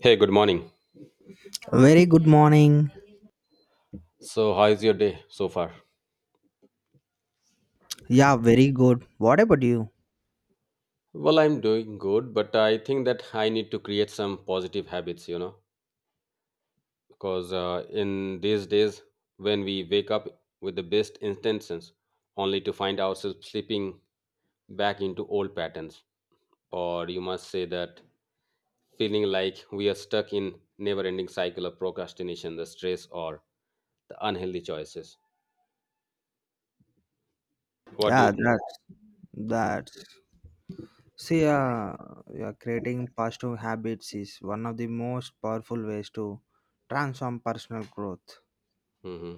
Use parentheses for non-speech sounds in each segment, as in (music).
Hey, good morning. Very good morning. So, how is your day so far? Yeah, very good. What about you? Well, I'm doing good, but I think that I need to create some positive habits, because in these days, when we wake up with the best intentions, only to find ourselves slipping back into old patterns, or you must say that feeling like we are stuck in never-ending cycle of procrastination, the stress, or the unhealthy choices. What do you Yeah, think? that's Hmm. that's see, yeah, creating positive habits is one of the most powerful ways to transform personal growth. Hmm.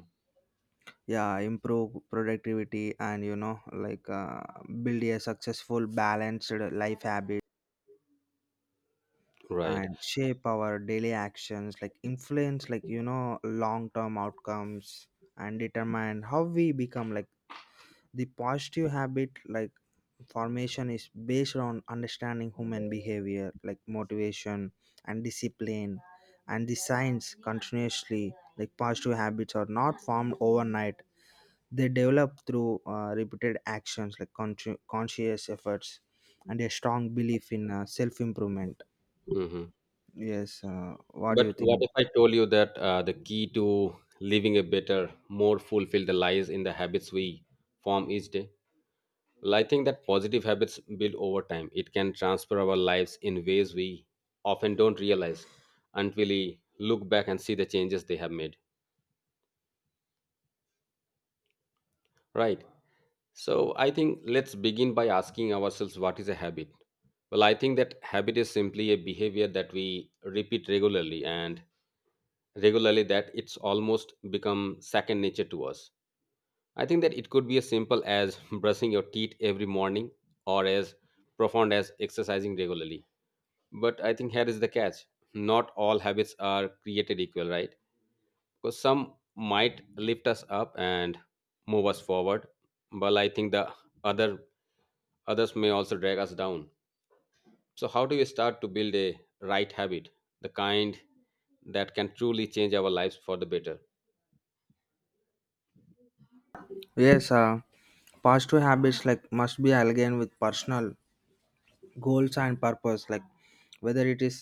Yeah, improve productivity, and you know like, build a successful balanced life habit Right. and shape our daily actions like influence, like you know, long term outcomes, and determine how we become, like, the positive habit like formation is based on understanding human behavior like motivation and discipline and the science continuously, like positive habits are not formed overnight. They develop through repeated actions like conscious efforts and a strong belief in self improvement. Mhm. Yes, what do you But what think? if I told you that the key to living a better, more fulfilled life in the habits we form each day? Well, I think that positive habits build over time. It can transfer our lives in ways we often don't realize until we look back and see the changes they have made. Right. So I think let's begin by asking ourselves, what is a habit? Well, I think that habit is simply a behavior that we repeat regularly and regularly that it's almost become second nature to us. I think that it could be as simple as (laughs) brushing your teeth every morning or as profound as exercising regularly. But I think here is the catch, not all habits are created equal, right? Because some might lift us up and move us forward, but I think the other others may also drag us down. So, how do we start to build a right habit, the kind that can truly change our lives for the better? Yes, positive habits like must be aligned with personal goals and purpose, like whether it is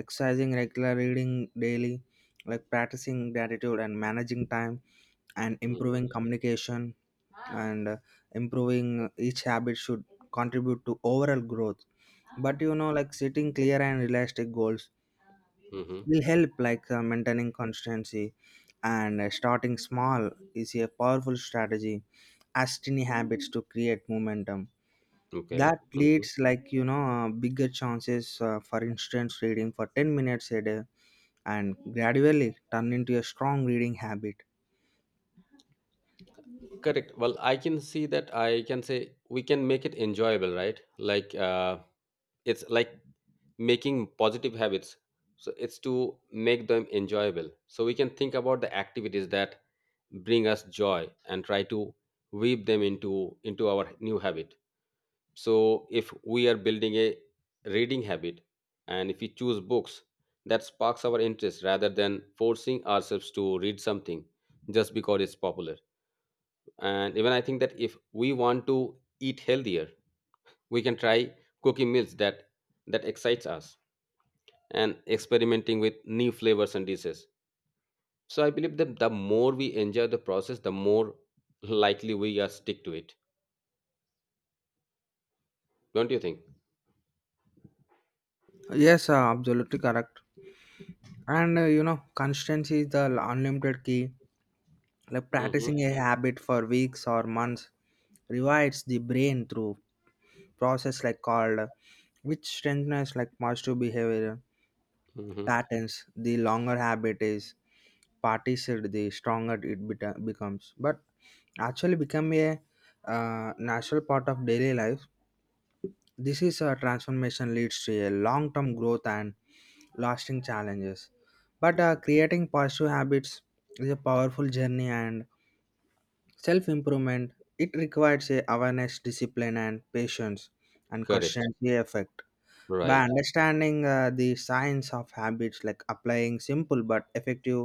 exercising, regular reading daily, like practicing gratitude and managing time and Hmm. improving communication. And improving, each habit should contribute to overall growth. But you know, like setting clear and realistic goals Hmm. will help like maintaining consistency. And starting small is a powerful strategy, as tiny habits to create momentum Okay. that leads, Mm-hmm. like you know, bigger chances. For instance, reading for 10 minutes a day and gradually turn into a strong reading habit. Correct. Well, I can see that I can say we can make it enjoyable, right? Like it's like making positive habits. So it's to make them enjoyable. So we can think about the activities that bring us joy and try to weave them into our new habit. So if we are building a reading habit and if we choose books that sparks our interest rather than forcing ourselves to read something just because it's popular. And even I think that if we want to eat healthier, we can try cooking meals that excites us and experimenting with new flavors and dishes. So I believe that the more we enjoy the process, the more likely we are stick to it, don't you think? Yes, absolutely correct. And you know, consistency is the unlimited key, like Hmm. practicing a habit for weeks or months rewires the brain through process like called which strengthens like positive behavior Hmm. patterns. The longer habit is practiced, the stronger it becomes, but actually become a natural part of daily life. This is a transformation leads to a long-term growth and lasting challenges. But creating positive habits is a powerful journey and self-improvement. It requires a awareness, discipline, and patience and Correct. consistency effect. By Right. understanding the science of habits, like applying simple but effective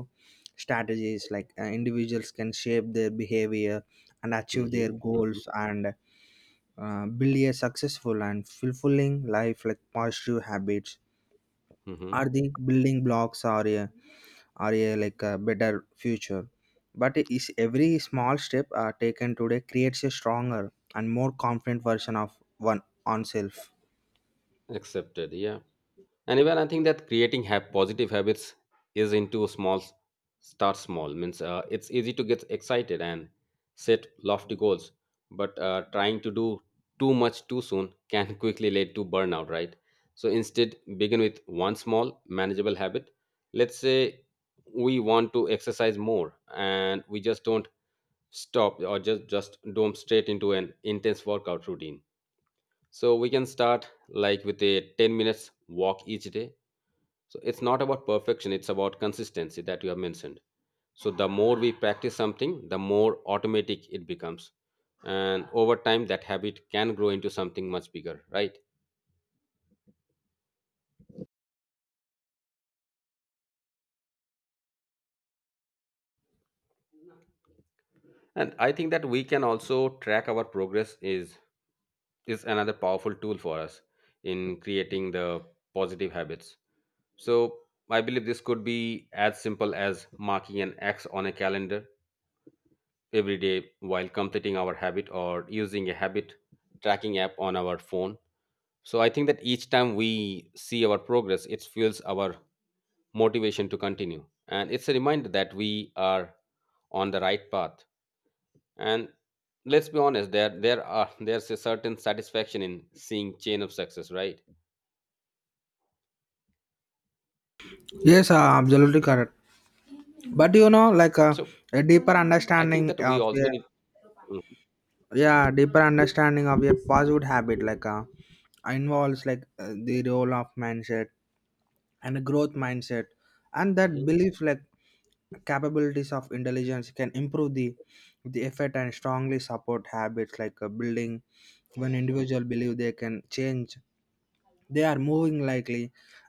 strategies, like individuals can shape their behavior and Hmm. achieve their Hmm. goals. And build a successful and fulfilling life, like positive habits Hmm. are the building blocks or a, or a, like, a better future. But is every small step taken today creates a stronger and more confident version of one oneself. Accepted. Yeah. And even I think that creating positive habits is into small, start small. Means it's easy to get excited and set lofty goals, but trying to do too much too soon can (laughs) quickly lead to burnout, right? So instead, begin with one small, manageable habit. Let's say we want to exercise more, and we just don't stop or just don't straight into an intense workout routine. So we can start like with a 10 minutes walk each day. So it's not about perfection, it's about consistency that you have mentioned. So the more we practice something, the more automatic it becomes. And over time, that habit can grow into something much bigger, right? And I think that we can also track our progress is another powerful tool for us in creating the positive habits. So I believe this could be as simple as marking an X on a calendar every day while completing our habit or using a habit tracking app on our phone. So I think that each time we see our progress, it fuels our motivation to continue. And it's a reminder that we are on the right path. And let's be honest, there's a certain satisfaction in seeing chain of success, right? Yes, absolutely correct. But you know, like, So a deeper I think understanding that we of also a, need. yeah, deeper understanding of a positive habit like, involves like the role of mindset and a growth mindset. And that Mhm. belief like capabilities of intelligence can improve the effort and strongly support habits like building. When individual believe they can change, they are moving likely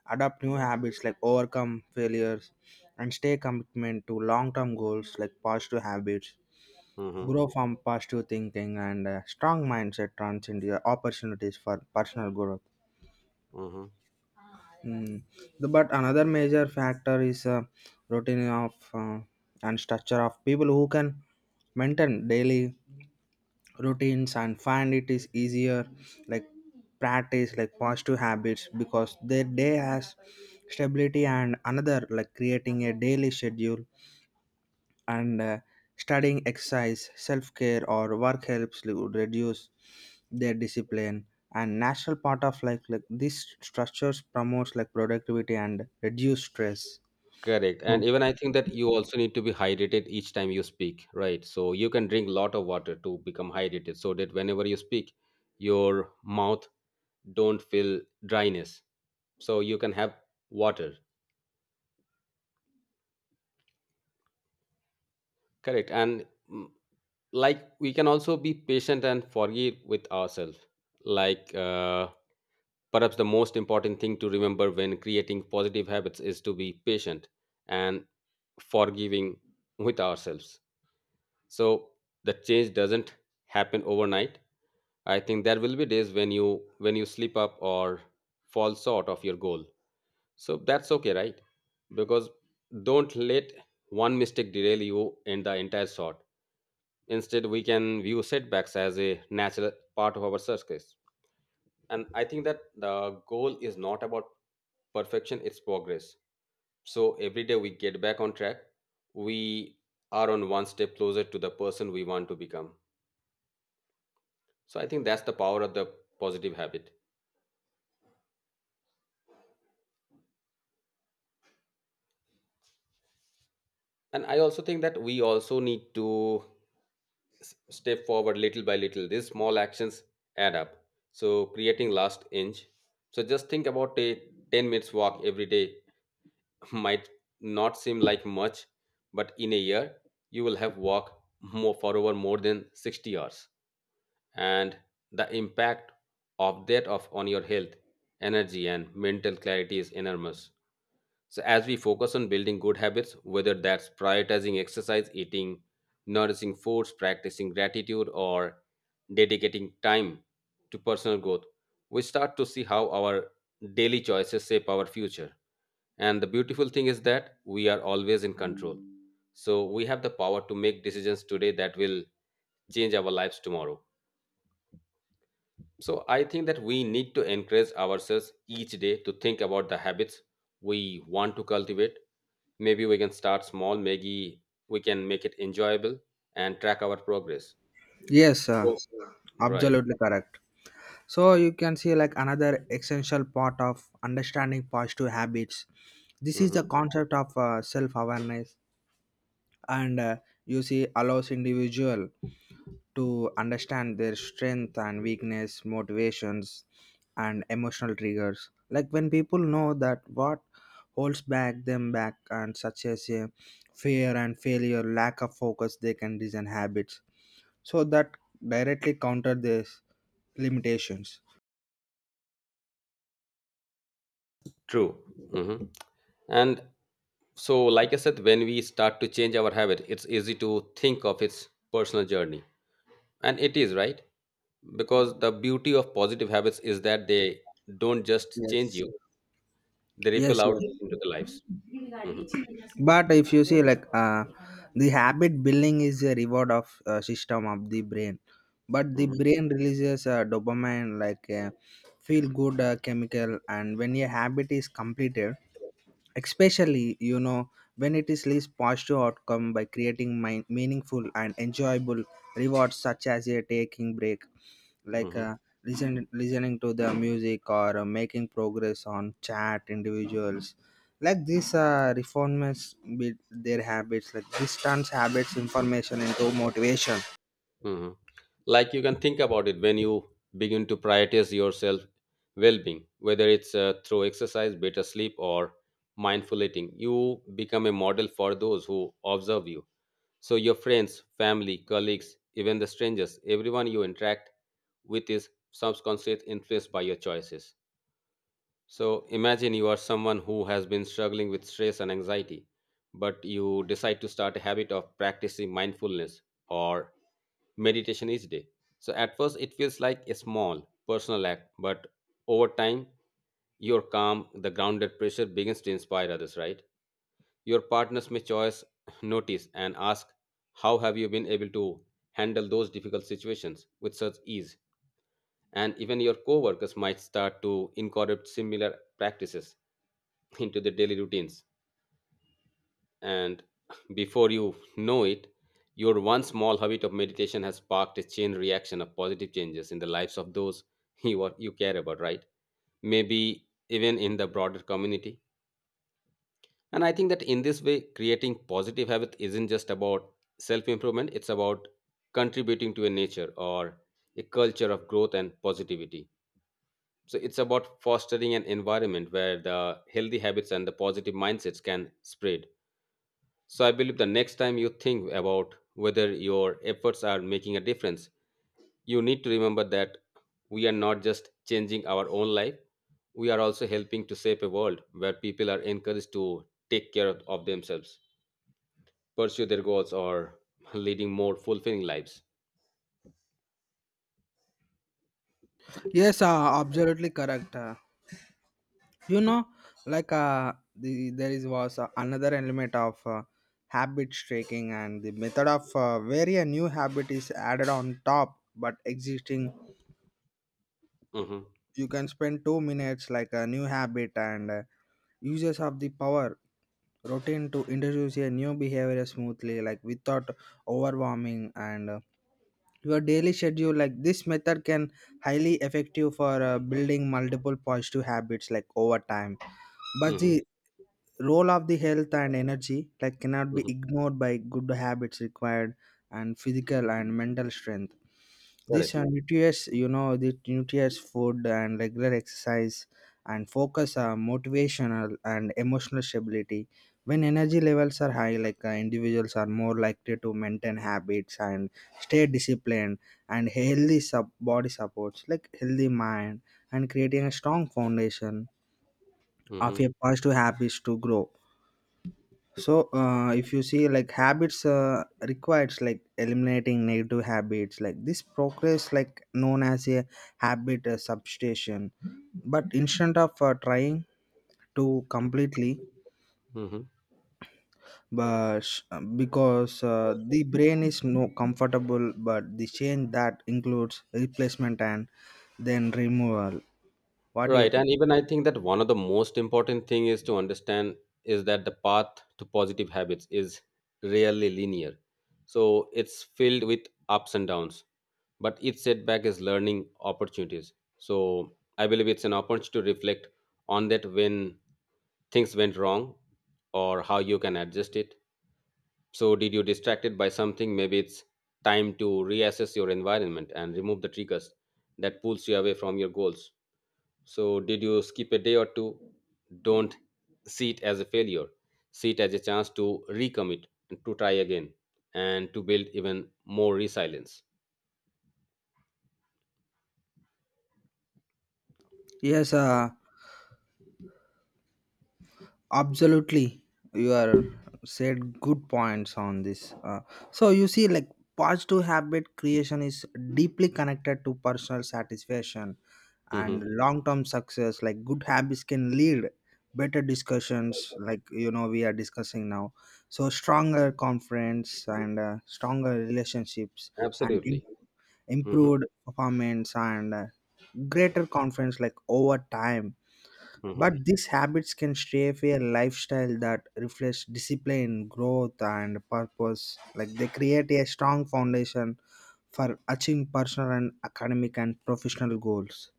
adopt new habits like overcome failures and stay commitment to long-term goals, like positive habits Mhm. grow from positive thinking and a strong mindset turns into opportunities for personal growth. Mhm. Mm. But another major factor is routine of, uh, and structure of people who can maintain daily routines and find it is easier, like practice like positive habits because their day has stability. And another like creating a daily schedule and studying, exercise, self-care, or work helps to reduce their discipline and natural part of like these structures promotes like productivity and reduce stress. Correct. Oh. And even I think that you also need to be hydrated each time you speak, right? So you can drink lot of water to become hydrated so that whenever you speak, your mouth don't feel dryness, so you can have water. Correct. And mm, like we can also be patient and forgive with ourselves. Like perhaps the most important thing to remember when creating positive habits is to be patient and forgiving with ourselves. So the change doesn't happen overnight. I think there will be days when you slip up or fall short of your goal. So that's okay, right? Because don't let one mistake derail you in the entire sort. Instead, we can view setbacks as a natural part of our success. And I think that the goal is not about perfection, it's progress. So every day we get back on track, we are on one step closer to the person we want to become. So I think that's the power of the positive habit. And I also think that we also need to step forward little by little. These small actions add up. So creating last inch. So just think about a 10 minutes walk every day (laughs) might not seem like much, but in a year, you will have walked more for over more than 60 hours. And the impact of that of on your health, energy, and mental clarity is enormous. So as we focus on building good habits, whether that's prioritizing exercise, eating nourishing foods, practicing gratitude, or dedicating time to personal growth, we start to see how our daily choices shape our future. And the beautiful thing is that we are always in control. So we have the power to make decisions today that will change our lives tomorrow. So I think that we need to encourage ourselves each day to think about the habits we want to cultivate. Maybe we can start small, maybe we can make it enjoyable and track our progress. Yes, Right. absolutely correct. So you can see, like, another essential part of understanding positive habits, this is Hmm. the concept of self awareness. And you see allows individual to understand their strength and weakness, motivations, and emotional triggers. Like, when people know that what holds back them back, and such as a fear and failure, lack of focus, they can design habits so that directly counter these limitations. True. Hmm. And so, like I said, when we start to change our habit, it's easy to think of its personal journey. And it is, right? Because the beauty of positive habits is that they don't just change Yes. you, they ripple Yes, out yes. into the lives. Mhm. But if you see, like, the habit building is a reward of system of the brain, but the Mhm. brain releases dopamine, like a feel good chemical, and when your habit is completed, especially you know, when it is least positive outcome by creating meaningful and enjoyable rewards, such as a taking break, like Mhm. Listening to the music, or making progress on chat individuals, like these reformers with their habits, like this turns habits information into motivation. Mhm. Like you can think about it. When you begin to prioritize yourself, well-being, whether it's through exercise, better sleep, or mindful eating, you become a model for those who observe you. So your friends, family, colleagues, even the strangers, everyone you interact with is subconsciously influenced by your choices. So imagine you are someone who has been struggling with stress and anxiety, but you decide to start a habit of practicing mindfulness or meditation each day. So at first, it feels like a small personal act, but over time, your calm, the grounded pressure begins to inspire others, right? Your partners may choice (sighs) notice and ask, how have you been able to handle those difficult situations with such ease? And even your coworkers might start to incorporate similar practices into their daily routines. And before you know it, your one small habit of meditation has sparked a chain reaction of positive changes in the lives of those you care about, right? Maybe even in the broader community. And I think that in this way, creating positive habit isn't just about self improvement, it's about contributing to a nature or a culture of growth and positivity. So it's about fostering an environment where the healthy habits and the positive mindsets can spread. So I believe the next time you think about whether your efforts are making a difference, you need to remember that we are not just changing our own life, we are also helping to shape a world where people are encouraged to take care of themselves, pursue their goals, or (laughs) leading more fulfilling lives. Yes, absolutely correct. You know, like, the, there is was another element of habit tracking and the method of where a new habit is added on top but existing, Hmm. you can spend 2 minutes like a new habit. And uses of the power routine to introduce a new behavior smoothly, like without overwhelming, and your daily schedule, like this method can highly effective for building multiple positive habits like over time. But Hmm. the role of the health and energy, like, cannot be Hmm. ignored by good habits required and physical and mental strength. These Correct. are nutrients, you know, the nutrients, food, and regular exercise and focus are motivational and emotional stability. When energy levels are high, like, individuals are more likely to maintain habits and stay disciplined. And healthy body supports, like healthy mind, and creating a strong foundation of Hmm. your positive habits to grow. So, if you see like habits requires like eliminating negative habits, like this progress like known as a habit substitution. But instead of trying to completely, Hmm. but sh- because the brain is no comfortable but the change that includes replacement and then removal. What do you Right. think? And even I think that one of the most important thing is to understand is that the path to positive habits is rarely linear. So it's filled with ups and downs. But each setback is learning opportunities. So I believe it's an opportunity to reflect on that when things went wrong or how you can adjust it. So did you distracted by something? Maybe it's time to reassess your environment and remove the triggers that pulls you away from your goals. So, did you skip a day or two? Don't see it as a failure. See it as a chance to recommit and to try again and to build even more resilience. Yes, absolutely. You are said good points on this. So you see, like, positive habit creation is deeply connected to personal satisfaction and Hmm. long-term success, like good habits can lead better discussions, like you know, we are discussing now. So stronger conference and stronger relationships and Absolutely. Hmm. improved performance and greater confidence, like over time. Hmm. But these habits can shape a lifestyle that reflects discipline, growth, and purpose. Like they create a strong foundation for achieving personal and academic and professional goals.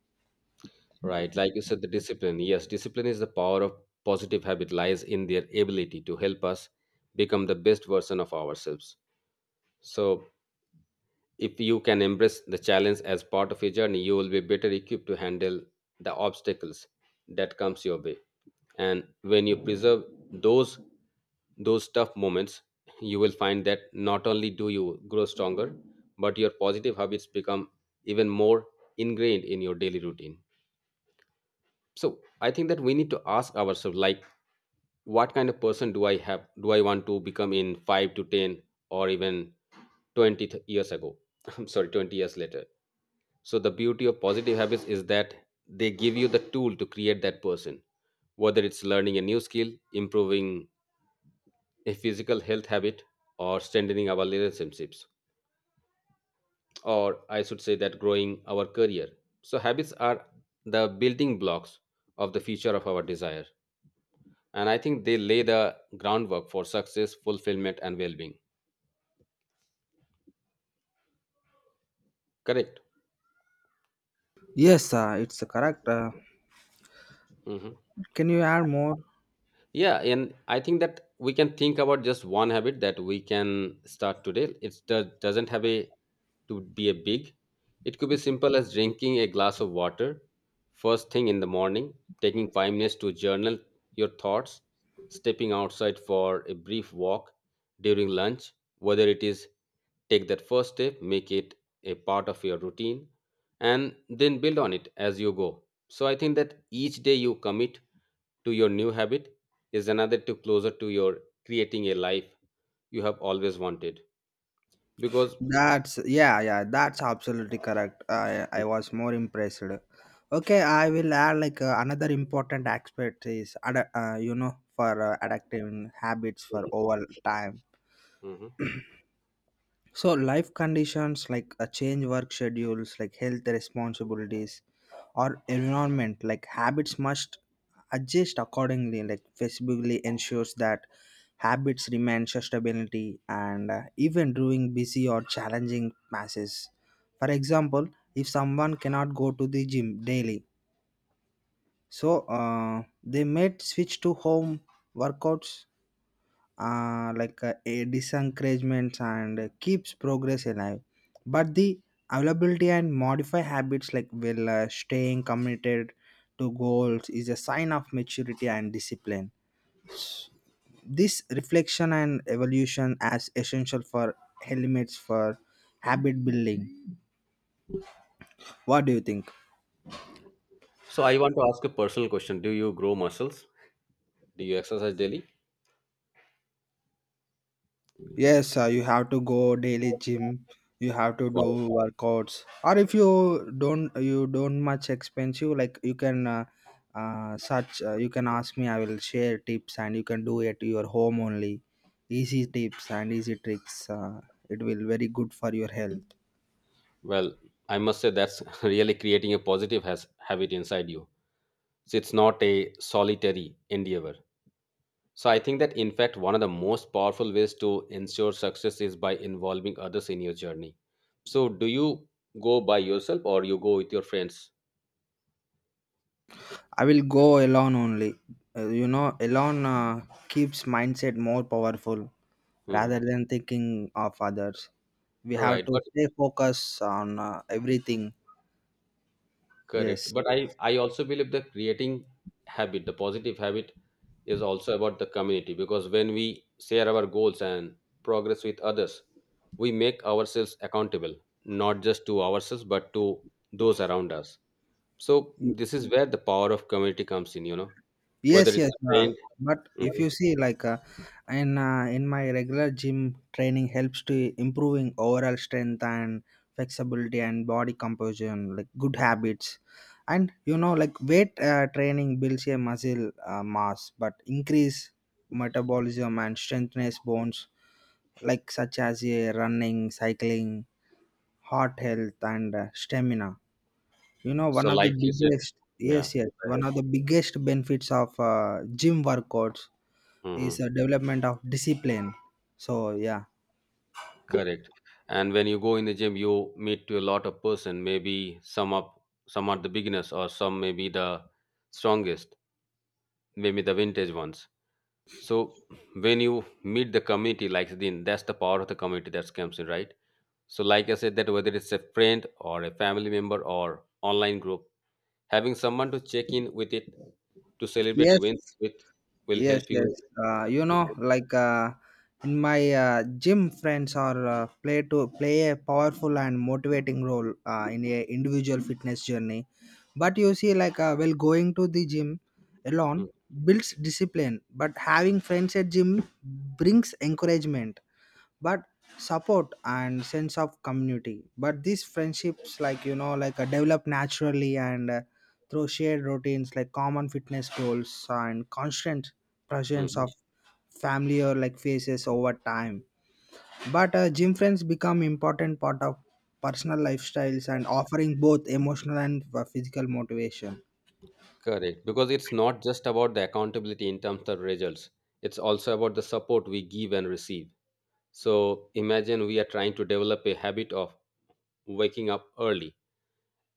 Right. Like you said, the discipline. Yes, discipline is the power of positive habit lies in their ability to help us become the best version of ourselves. So, if you can embrace the challenge as part of your journey, you will be better equipped to handle the obstacles that comes your way. And when you preserve those those tough moments, you will find that not only do you grow stronger, but your positive habits become even more ingrained in your daily routine. So I think that we need to ask ourselves, like, what kind of person do I want to become in 5 to 10 or even years ago, (laughs) I'm sorry, 20 years later. So the beauty of positive habits is that they give you the tool to create that person, whether it's learning a new skill, improving a physical health habit, or strengthening our relationships, or I should say that growing our career. So habits are the building blocks of the future of our desire, and I think they lay the groundwork for success, fulfillment, and well-being. Correct? Yes, it's correct. Hmm. Can you add more? Yeah, and I think that we can think about just one habit that we can start today. It doesn't have a to be a big. It could be simple as drinking a glass of water first thing in the morning, taking 5 minutes to journal your thoughts, stepping outside for a brief walk during lunch, whether it is. Take that first step, make it a part of your routine, and then build on it as you go. So I think that each day you commit to your new habit is another step closer to your creating a life you have always wanted. Because. That's, yeah, yeah, that's absolutely correct. I was more impressed. Okay, I will add like, another important aspect is you know, for adaptive habits for over time. Mhm. So life conditions like a change, work schedules, like health responsibilities or environment, like habits must adjust accordingly. Like flexibly ensures that habits remain sustainability and even during busy or challenging passes. For example, if someone cannot go to the gym daily, so they might switch to home workouts, like a disencouragements and keeps progress alive. But the availability and modify habits like will staying committed to goals is a sign of maturity and discipline. This reflection and evolution as essential for elements for habit building. What do you think? So I want to ask a personal question. Do you grow muscles? Do you exercise daily? Yes, you have to go daily gym. You have to do Wow. workouts. Or if you don't, you don't much expensive. Like you can search. You can ask me. I will share tips, and you can do it your home only. Easy tips and easy tricks. It will very good for your health. Well, I must say that's (laughs) really creating a positive has habit inside you. So it's not a solitary endeavor. So I think that in fact one of the most powerful ways to ensure success is by involving others in your journey. So do you go by yourself or you go with your friends? I will go alone only. You know, alone, keeps mindset more powerful rather Mhm. than thinking of others. We have Right, to but stay focused on everything. correct. Yes. But I also believe that creating habit, the positive habit, is also about the community, because when we share our goals and progress with others, we make ourselves accountable, not just to ourselves but to those around us. So Y- this is where the power of community comes in, you know, yes, whether yes. it's a friend. But if Mhm. you see, like, in my regular gym training helps to improving overall strength and flexibility and body composition, like good habits. And you know, like weight training builds a muscle mass, but increase metabolism and strengthens bones, like such as a running, cycling, heart health, and stamina. You know, one So, of the like you said, biggest, yes, yeah. yes, one of the biggest benefits of gym workouts Hmm. is the development of discipline. So, yeah. Correct. And when you go in the gym, you meet to a lot of person. Maybe some up, some are the beginners, or some may be the strongest, maybe the vintage ones. So when you meet the community, like then that's the power of the community that comes in, right? So, like I said, that whether it's a friend or a family member or online group, having someone to check in with it, to celebrate Yes, wins with, will yes. help Yes, you. You know, like, in my gym friends are play a powerful and motivating role in a individual fitness journey. But you see, like, well going to the gym alone builds discipline, but having friends at gym brings encouragement, but support and sense of community. But these friendships, like you know, like develop naturally and through shared routines, like common fitness goals and constant presence Mhm. of family or like faces over time. But gym friends become important part of personal lifestyles and offering both emotional and physical motivation. Correct, because it's not just about the accountability in terms of results, it's also about the support we give and receive. So imagine we are trying to develop a habit of waking up early.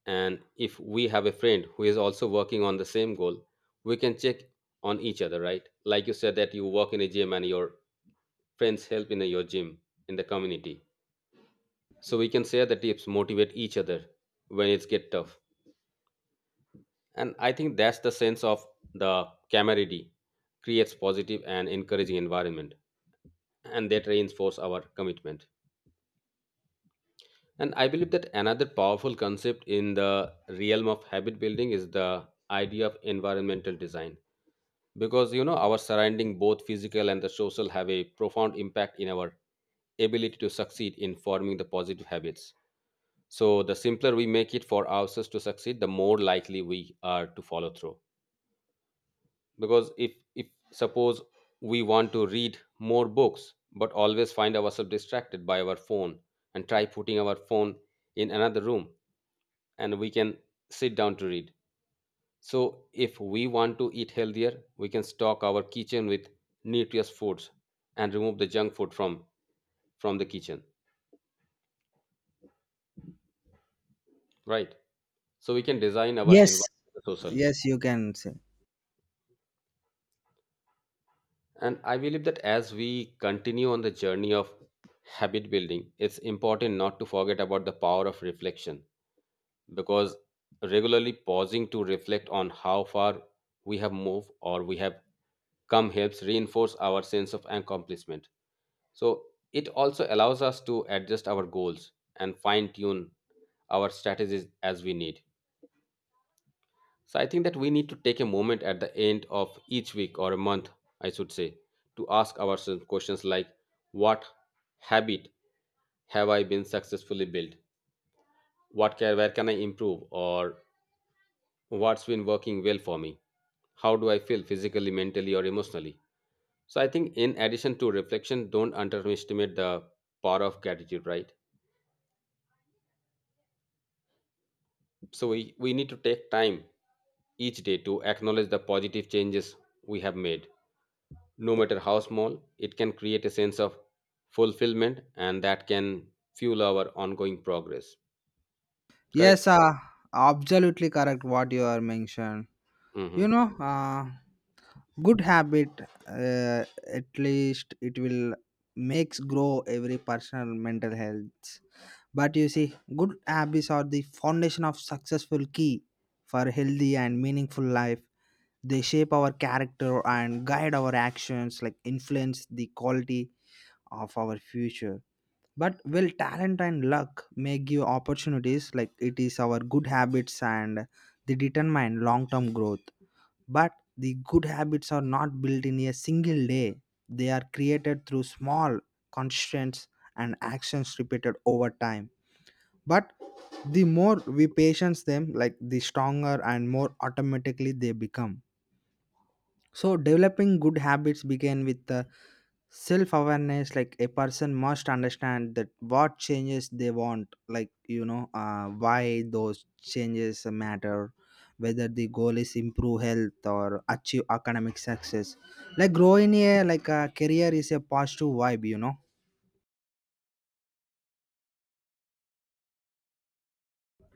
And if we have a friend who is also working on the same goal, we can check on each other, right? Like you said, that you work in a gym and your friends help in your gym in the community. So we can share the tips, motivate each other when it's get tough. And I think that's the sense of the camaraderie creates positive and encouraging environment and that reinforce our commitment. And I believe that another powerful concept in the realm of habit building is the idea of environmental design, because you know our surrounding both physical and the social have a profound impact in our ability to succeed in forming the positive habits. So the simpler we make it for ourselves to succeed, the more likely we are to follow through. Because if suppose we want to read more books but always find ourselves distracted by our phone, and try putting our phone in another room, and we can sit down to read. So if we want to eat healthier, we can stock our kitchen with nutritious foods and remove the junk food from the kitchen, right? So we can design our Yes. environment socially. Yes, you can say. And I believe that as we continue on the journey of habit building, it's important not to forget about the power of reflection, because regularly pausing to reflect on how far we have moved or we have come helps reinforce our sense of accomplishment. So it also allows us to adjust our goals and fine tune our strategies as we need. So I think that we need to take a moment at the end of each week or a month, I should say, to ask ourselves questions like, what habit have I been successfully built? What can Where can I improve, or what's been working well for me? How do I feel physically, mentally, or emotionally? So I think in addition to reflection, don't underestimate the power of gratitude, right? So we need to take time each day to acknowledge the positive changes we have made. No matter how small, it can create a sense of fulfillment, and that can fuel our ongoing progress. Yes, Correct? Absolutely correct what you are mentioned. Hmm. You know, good habit, uh, at least it will makes grow every personal mental health. But you see, good habits are the foundation of successful key for healthy and meaningful life. They shape our character and guide our actions like influence the quality of our future. But will talent and luck may give opportunities, like it is our good habits and they determine long-term growth. But the good habits are not built in a single day, they are created through small, constraints and actions repeated over time. But the more we patience them, like the stronger and more automatically they become. So developing good habits begin with self awareness, like a person must understand that what changes they want, like you know, why those changes matter, whether the goal is improve health or achieve academic success, like growing a like a career is a positive vibe, you know.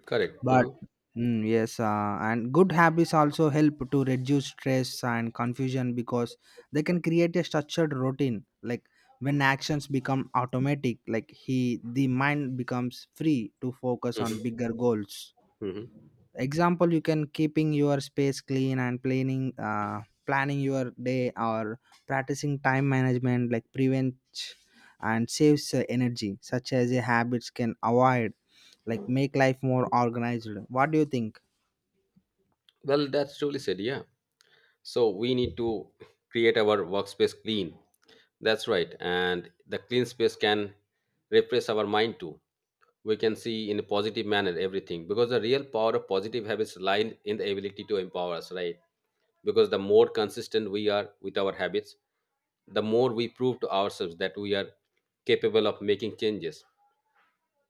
Correct. But Hmm. mm, yes, and good habits also help to reduce stress and confusion because they can create a structured routine, like when actions become automatic, like he the mind becomes free to focus on Hmm. bigger goals. Hmm. Example, you can keeping your space clean and planning your day, or practicing time management like prevents and saves energy, such as a habits can avoid like make life more organized. What do you think? Well, that's truly said, yeah. So we need to create our workspace clean. That's right. And the clean space can refresh our mind too. We can see in a positive manner everything, because the real power of positive habits lie in the ability to empower us, right? Because the more consistent we are with our habits, the more we prove to ourselves that we are capable of making changes.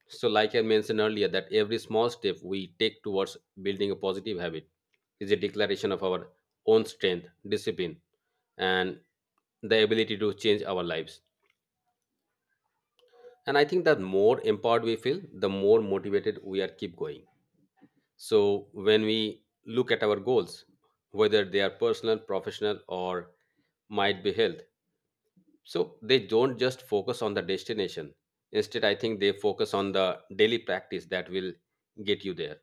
So, like I mentioned earlier, that every small step we take towards building a positive habit is a declaration of our own strength, discipline, and the ability to change our lives. And I think that more empowered we feel, the more motivated we are keep going. So when we look at our goals, whether they are personal, professional, or might be health, so they don't just focus on the destination. Instead I think they focus on the daily practice that will get you there.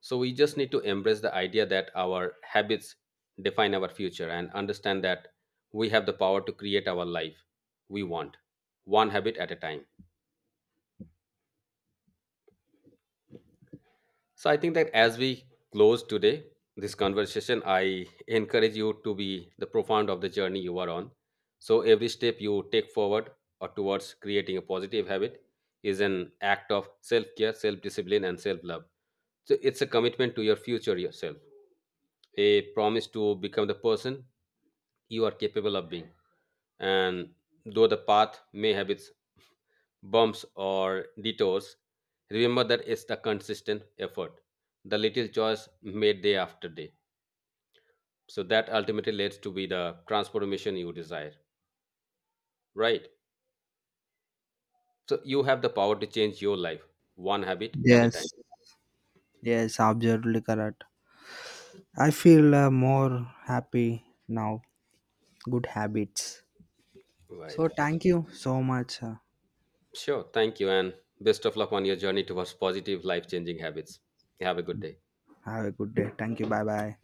So we just need to embrace the idea that our habits define our future, and understand that we have the power to create our life we want, one habit at a time. So I think that as we close today this conversation, I encourage you to be the profound of the journey you are on. So every step you take forward or towards creating a positive habit is an act of self-care, self-discipline, and self-love. So it's a commitment to your future yourself, a promise to become the person you are capable of being. And though the path may have its bumps or detours, remember that it's the consistent effort, the little choice made day after day. So that ultimately leads to be the transformation you desire, right? So you have the power to change your life one habit at a time. Yes, yes, absolutely correct. I feel more happy now. Good habits. Right. So, thank you so much. Sure. Thank you, and best of luck on your journey towards positive life changing habits. Have a good day. Have a good day. Thank you. Bye bye.